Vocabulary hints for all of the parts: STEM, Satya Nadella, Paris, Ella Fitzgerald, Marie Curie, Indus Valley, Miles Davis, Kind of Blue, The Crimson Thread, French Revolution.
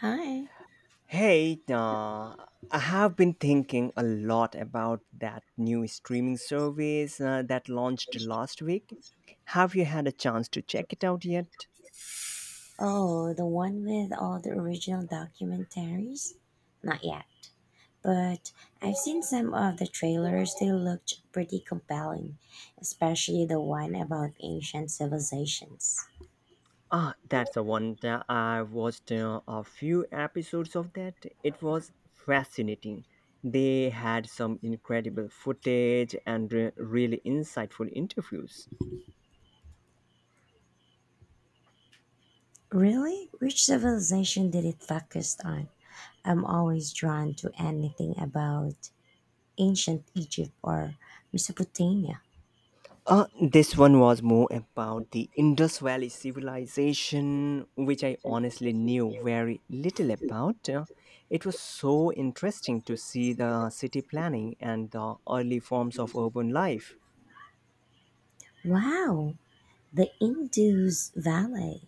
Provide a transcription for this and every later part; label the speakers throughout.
Speaker 1: Hi.
Speaker 2: Hey, uh, I have been thinking a lot about that new streaming service that launched last week. Have you had a chance to check it out yet?
Speaker 1: Oh, the one with all the original documentaries? Not yet, but I've seen some of the trailers. They looked pretty compelling, especially the one about ancient civilizations.
Speaker 2: Ah, that's the one that I watched a few episodes of that. It was fascinating. They had some incredible footage and really insightful interviews.
Speaker 1: Really? Which civilization did it focus on? I'm always drawn to anything about ancient Egypt or Mesopotamia.
Speaker 2: This one was more about the Indus Valley civilization, which I honestly knew very little about. It was so interesting to see the city planning and the early forms of urban life.
Speaker 1: Wow, the Indus Valley.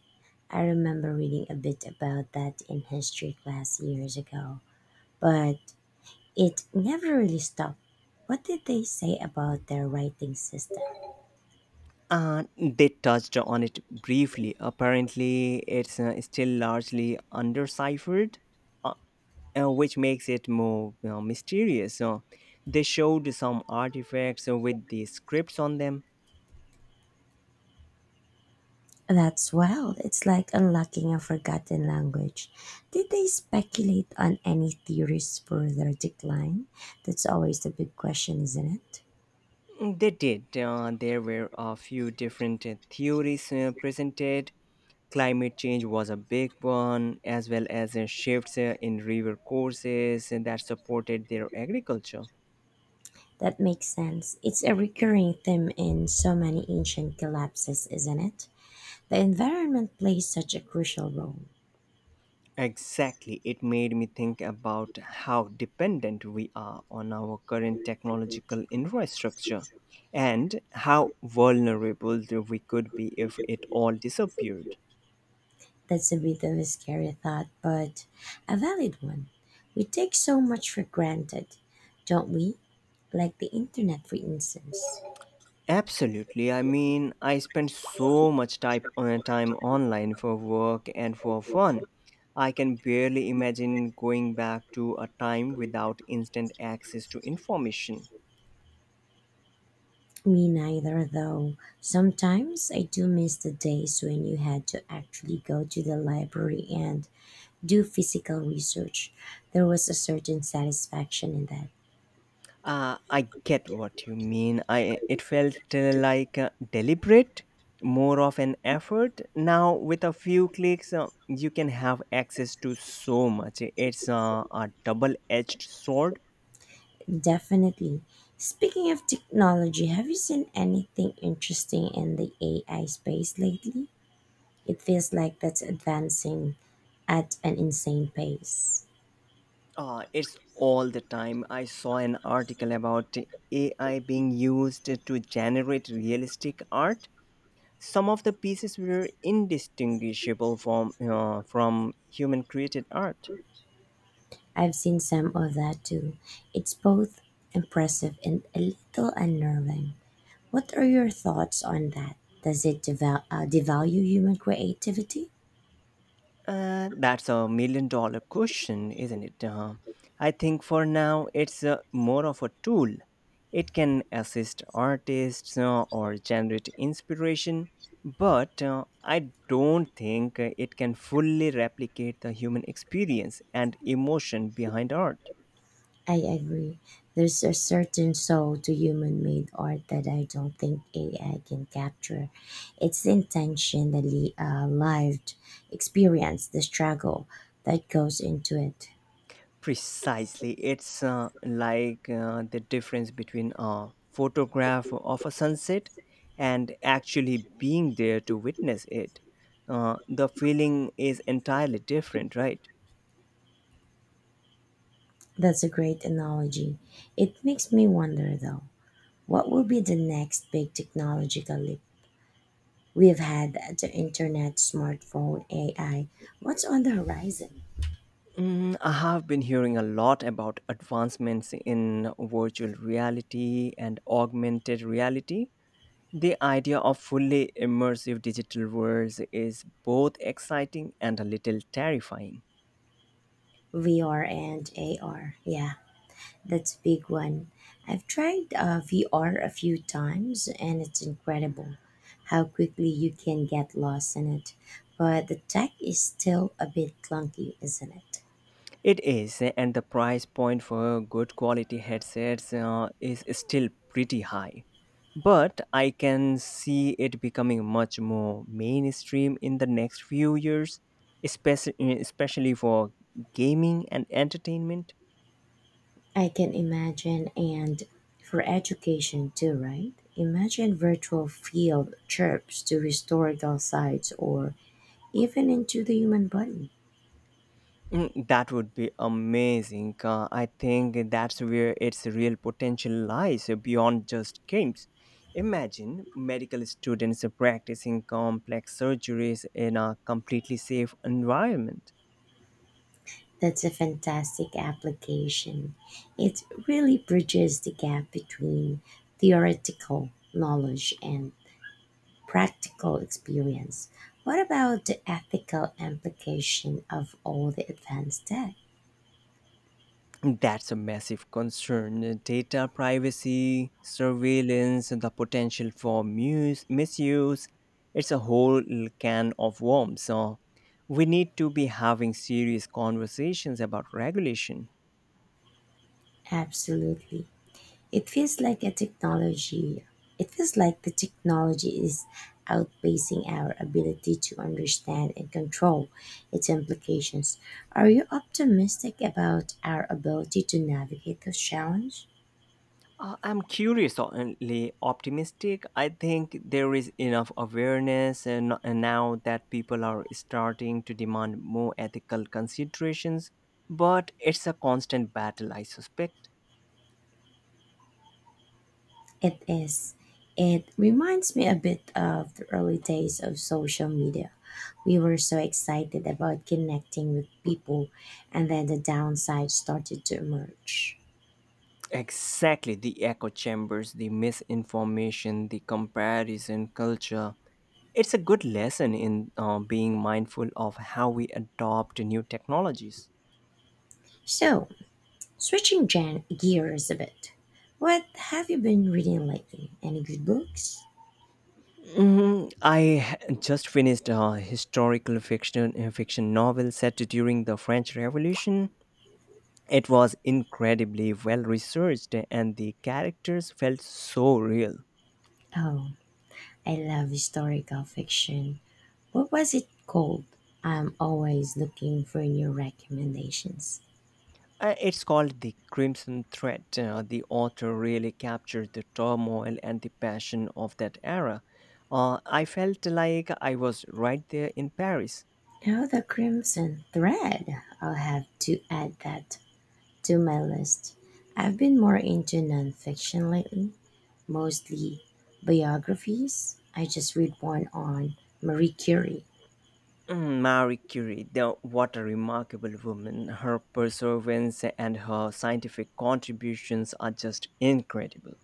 Speaker 1: I remember reading a bit about that in history class years ago, but it never really stopped. What did they say about their writing system?
Speaker 2: And they touched on it briefly. Apparently, it's still largely undeciphered, uh, which makes it more mysterious. So they showed some artifacts with the scripts on them.
Speaker 1: That's wild. It's like unlocking a forgotten language. Did they speculate on any theories for their decline? That's always the big question, isn't it?
Speaker 2: Mm, they did. There were a few different theories presented. Climate change was a big one, as well as shifts in river courses and that supported their agriculture.
Speaker 1: That makes sense. It's a recurring theme in so many ancient collapses, isn't it? The environment plays such a crucial role.
Speaker 2: Exactly. It made me think about how dependent we are on our current technological infrastructure and how vulnerable we could be if it all disappeared.
Speaker 1: That's a bit of a scary thought, but a valid one. We take so much for granted, don't we? Like the internet, for instance.
Speaker 2: Absolutely. I mean, I spend so much time online for work and for fun. I can barely imagine going back to a time without instant access to information.
Speaker 1: Me neither, though. Sometimes I do miss the days when you had to actually go to the library and do physical research. There was a certain satisfaction in that.
Speaker 2: I get what you mean. I it felt like deliberate, more of an effort. Now with a few clicks, you can have access to so much. It's a double-edged sword.
Speaker 1: Definitely. Speaking of technology, have you seen anything interesting in the AI space lately? It feels like that's advancing at an insane pace.
Speaker 2: It's all the time. I saw an article about AI being used to generate realistic art. Some of the pieces were indistinguishable from human created art.
Speaker 1: I've seen some of that too. It's both impressive and a little unnerving. What are your thoughts on that? Does it devalue human creativity?
Speaker 2: That's a million dollar question, isn't it? I think for now it's more of a tool. It can assist artists or generate inspiration, but I don't think it can fully replicate the human experience and emotion behind art.
Speaker 1: I agree. There's a certain soul to human made art that I don't think AI can capture. It's the intention, the lived experience, the struggle that goes into it.
Speaker 2: Precisely, it's like the difference between a photograph of a sunset and actually being there to witness it. The feeling is entirely different, right?
Speaker 1: That's a great analogy. It makes me wonder, though, what will be the next big technological leap? We've had the internet, smartphone, AI. What's on the horizon?
Speaker 2: Mm, I have been hearing a lot about advancements in virtual reality and augmented reality. The idea of fully immersive digital worlds is both exciting and a little terrifying.
Speaker 1: VR and AR, yeah. That's big one. I've tried VR a few times, and it's incredible how quickly you can get lost in it. But the tech is still a bit clunky, isn't it?
Speaker 2: It is, and the price point for good quality headsets is still pretty high. But I can see it becoming much more mainstream in the next few years, especially, especially for gaming and entertainment.
Speaker 1: I can imagine, and for education too, right? Imagine virtual field trips to historical sites or even into the human body.
Speaker 2: Mm, that would be amazing. I think that's where its real potential lies beyond just games. Imagine medical students practicing complex surgeries in a completely safe environment.
Speaker 1: That's a fantastic application. It really bridges the gap between theoretical knowledge and practical experience. What about the ethical implication of all the advanced tech?
Speaker 2: That's a massive concern. Data privacy, surveillance, and the potential for misuse. It's a whole can of worms. So we need to be having serious conversations about regulation.
Speaker 1: Absolutely. It feels like a technology. It feels like the technology is outpacing our ability to understand and control its implications. Are you optimistic about our ability to navigate this challenge?
Speaker 2: I'm curiously optimistic. I think there is enough awareness, and now that people are starting to demand more ethical considerations, but it's a constant battle, I suspect.
Speaker 1: It is. It reminds me a bit of the early days of social media. We were so excited about connecting with people, and then the downsides started to emerge.
Speaker 2: Exactly, the echo chambers, the misinformation, the comparison culture. It's a good lesson in being mindful of how we adopt new technologies.
Speaker 1: So, switching gen gears a bit. What have you been reading lately? Any good books?
Speaker 2: Mm, I just finished a historical fiction novel set during the French Revolution. It was incredibly well researched, and the characters felt so real.
Speaker 1: Oh, I love historical fiction. What was it called? I'm always looking for new recommendations.
Speaker 2: It's called The Crimson Thread. The author really captured the turmoil and the passion of that era. I felt like I was right there in Paris.
Speaker 1: Oh, The Crimson Thread. I'll have to add that to my list. I've been more into nonfiction lately, mostly biographies. I just read one on Marie Curie.
Speaker 2: Mm, Marie Curie, what a remarkable woman. Her perseverance and her scientific contributions are just incredible.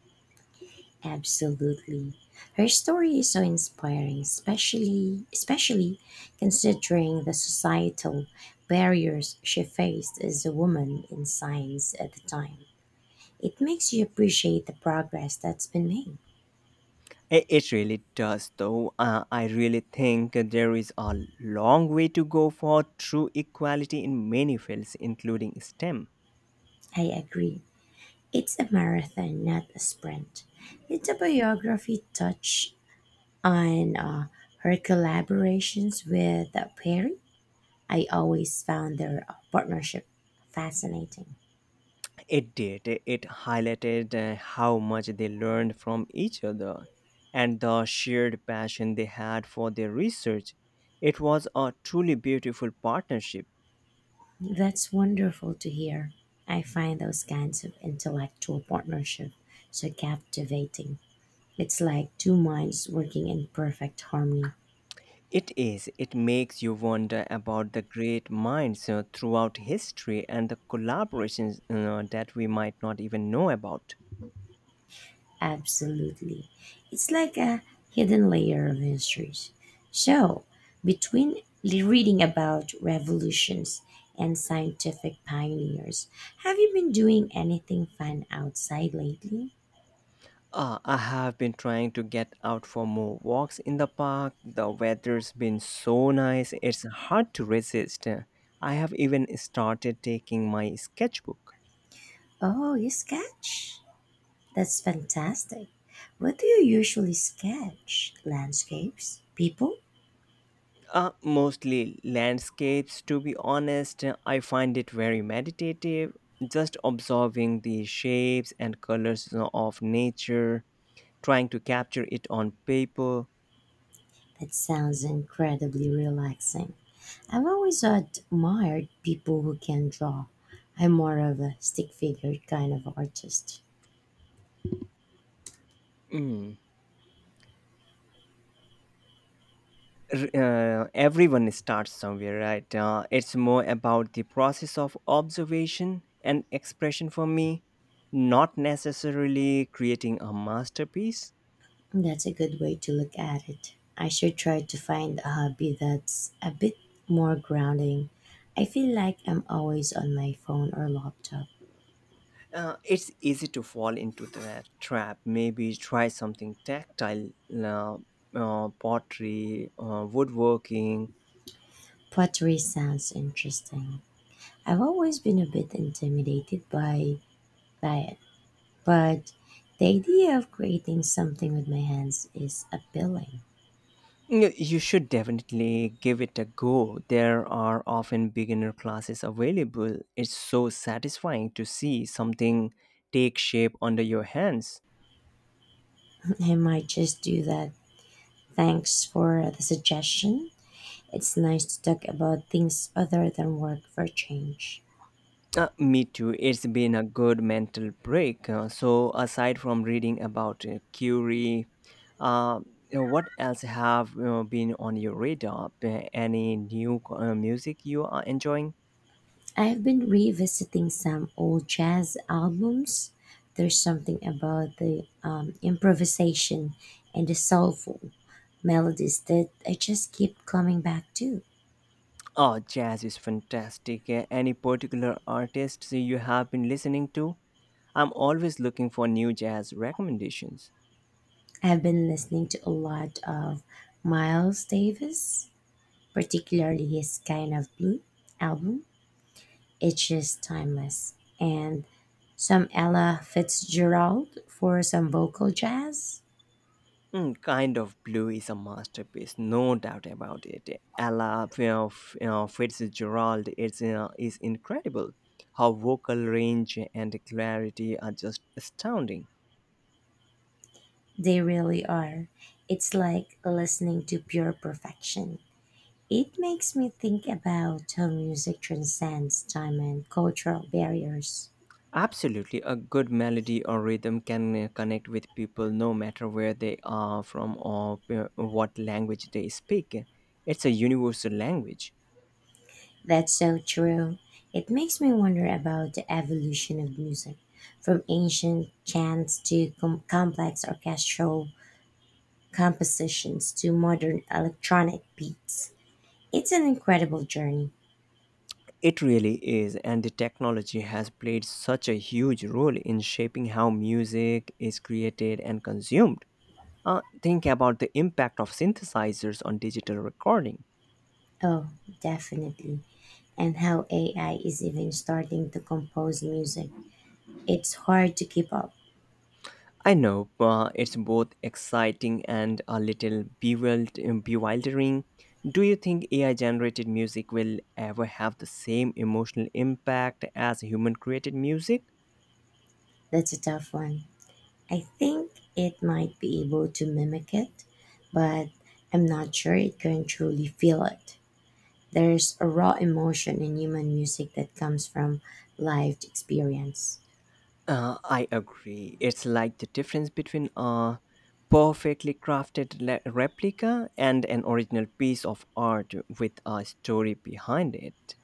Speaker 1: Absolutely. Her story is so inspiring, especially considering the societal barriers she faced as a woman in science at the time. It makes you appreciate the progress that's been made.
Speaker 2: I- It really does, though. I really think there is a long way to go for true equality in many fields, including STEM.
Speaker 1: I agree. It's a marathon, not a sprint. Did the biography touch on her collaborations with Perry? I always found their partnership fascinating.
Speaker 2: It did. It highlighted how much they learned from each other and the shared passion they had for their research. It was a truly beautiful partnership.
Speaker 1: That's wonderful to hear. I find those kinds of intellectual partnership so captivating. It's like two minds working in perfect harmony.
Speaker 2: It is. It makes you wonder about the great minds throughout history and the collaborations that we might not even know about.
Speaker 1: Absolutely. It's like a hidden layer of histories. So, between reading about revolutions and scientific pioneers, have you been doing anything fun outside lately?
Speaker 2: Ah, I have been trying to get out for more walks in the park. The weather's been so nice, it's hard to resist. I have even started taking my sketchbook.
Speaker 1: Oh, you sketch? That's fantastic. What do you usually sketch? Landscapes? People?
Speaker 2: Mostly landscapes, to be honest. I find it very meditative, just observing the shapes and colors of nature, trying to capture it on paper.
Speaker 1: That sounds incredibly relaxing. I've always admired people who can draw. I'm more of a stick figure kind of artist.
Speaker 2: Mm. R- everyone starts somewhere, right? It's more about the process of observation and expression for me, not necessarily creating a masterpiece.
Speaker 1: That's a good way to look at it. I should try to find a hobby that's a bit more grounding. I feel like I'm always on my phone or laptop.
Speaker 2: It's easy to fall into the trap. Maybe try something tactile, uh, pottery, woodworking.
Speaker 1: Pottery sounds interesting. I've always been a bit intimidated by but the idea of creating something with my hands is appealing.
Speaker 2: You should definitely give it a go. There are often beginner classes available. It's so satisfying to see something take shape under your hands.
Speaker 1: I might just do that. Thanks for the suggestion. It's nice to talk about things other than work for a change.
Speaker 2: Me too. It's been a good mental break. So, aside from reading about Curie, uh, what else have been on your radar? Any new music you are enjoying?
Speaker 1: I've been revisiting some old jazz albums. There's something about the improvisation and the soulful melodies that I just keep coming back to.
Speaker 2: Oh, jazz is fantastic. Any particular artists you have been listening to? I'm always looking for new jazz recommendations.
Speaker 1: I've been listening to a lot of Miles Davis, particularly his Kind of Blue album. It's just timeless. And some Ella Fitzgerald for some vocal jazz.
Speaker 2: Mm, Kind of Blue is a masterpiece, no doubt about it. Ella you know, F- you Fitzgerald is incredible. Her vocal range and clarity are just astounding.
Speaker 1: They really are. It's like listening to pure perfection. It makes me think about how music transcends time and cultural barriers.
Speaker 2: Absolutely, a good melody or rhythm can connect with people no matter where they are from or what language they speak. It's a universal language.
Speaker 1: That's so true. It makes me wonder about the evolution of music, from ancient chants to complex orchestral compositions to modern electronic beats. It's an incredible journey.
Speaker 2: It really is, and the technology has played such a huge role in shaping how music is created and consumed. Think about the impact of synthesizers on digital recording.
Speaker 1: Oh, definitely. And how AI is even starting to compose music. It's hard to keep up.
Speaker 2: I know it's both exciting and a little bewildering. Do you think AI generated music will ever have the same emotional impact as human created music?
Speaker 1: That's a tough one. I think it might be able to mimic it, but I'm not sure it can truly feel it. There's a raw emotion in human music that comes from lived experience.
Speaker 2: I agree. It's like the difference between a perfectly crafted replica and an original piece of art with a story behind it.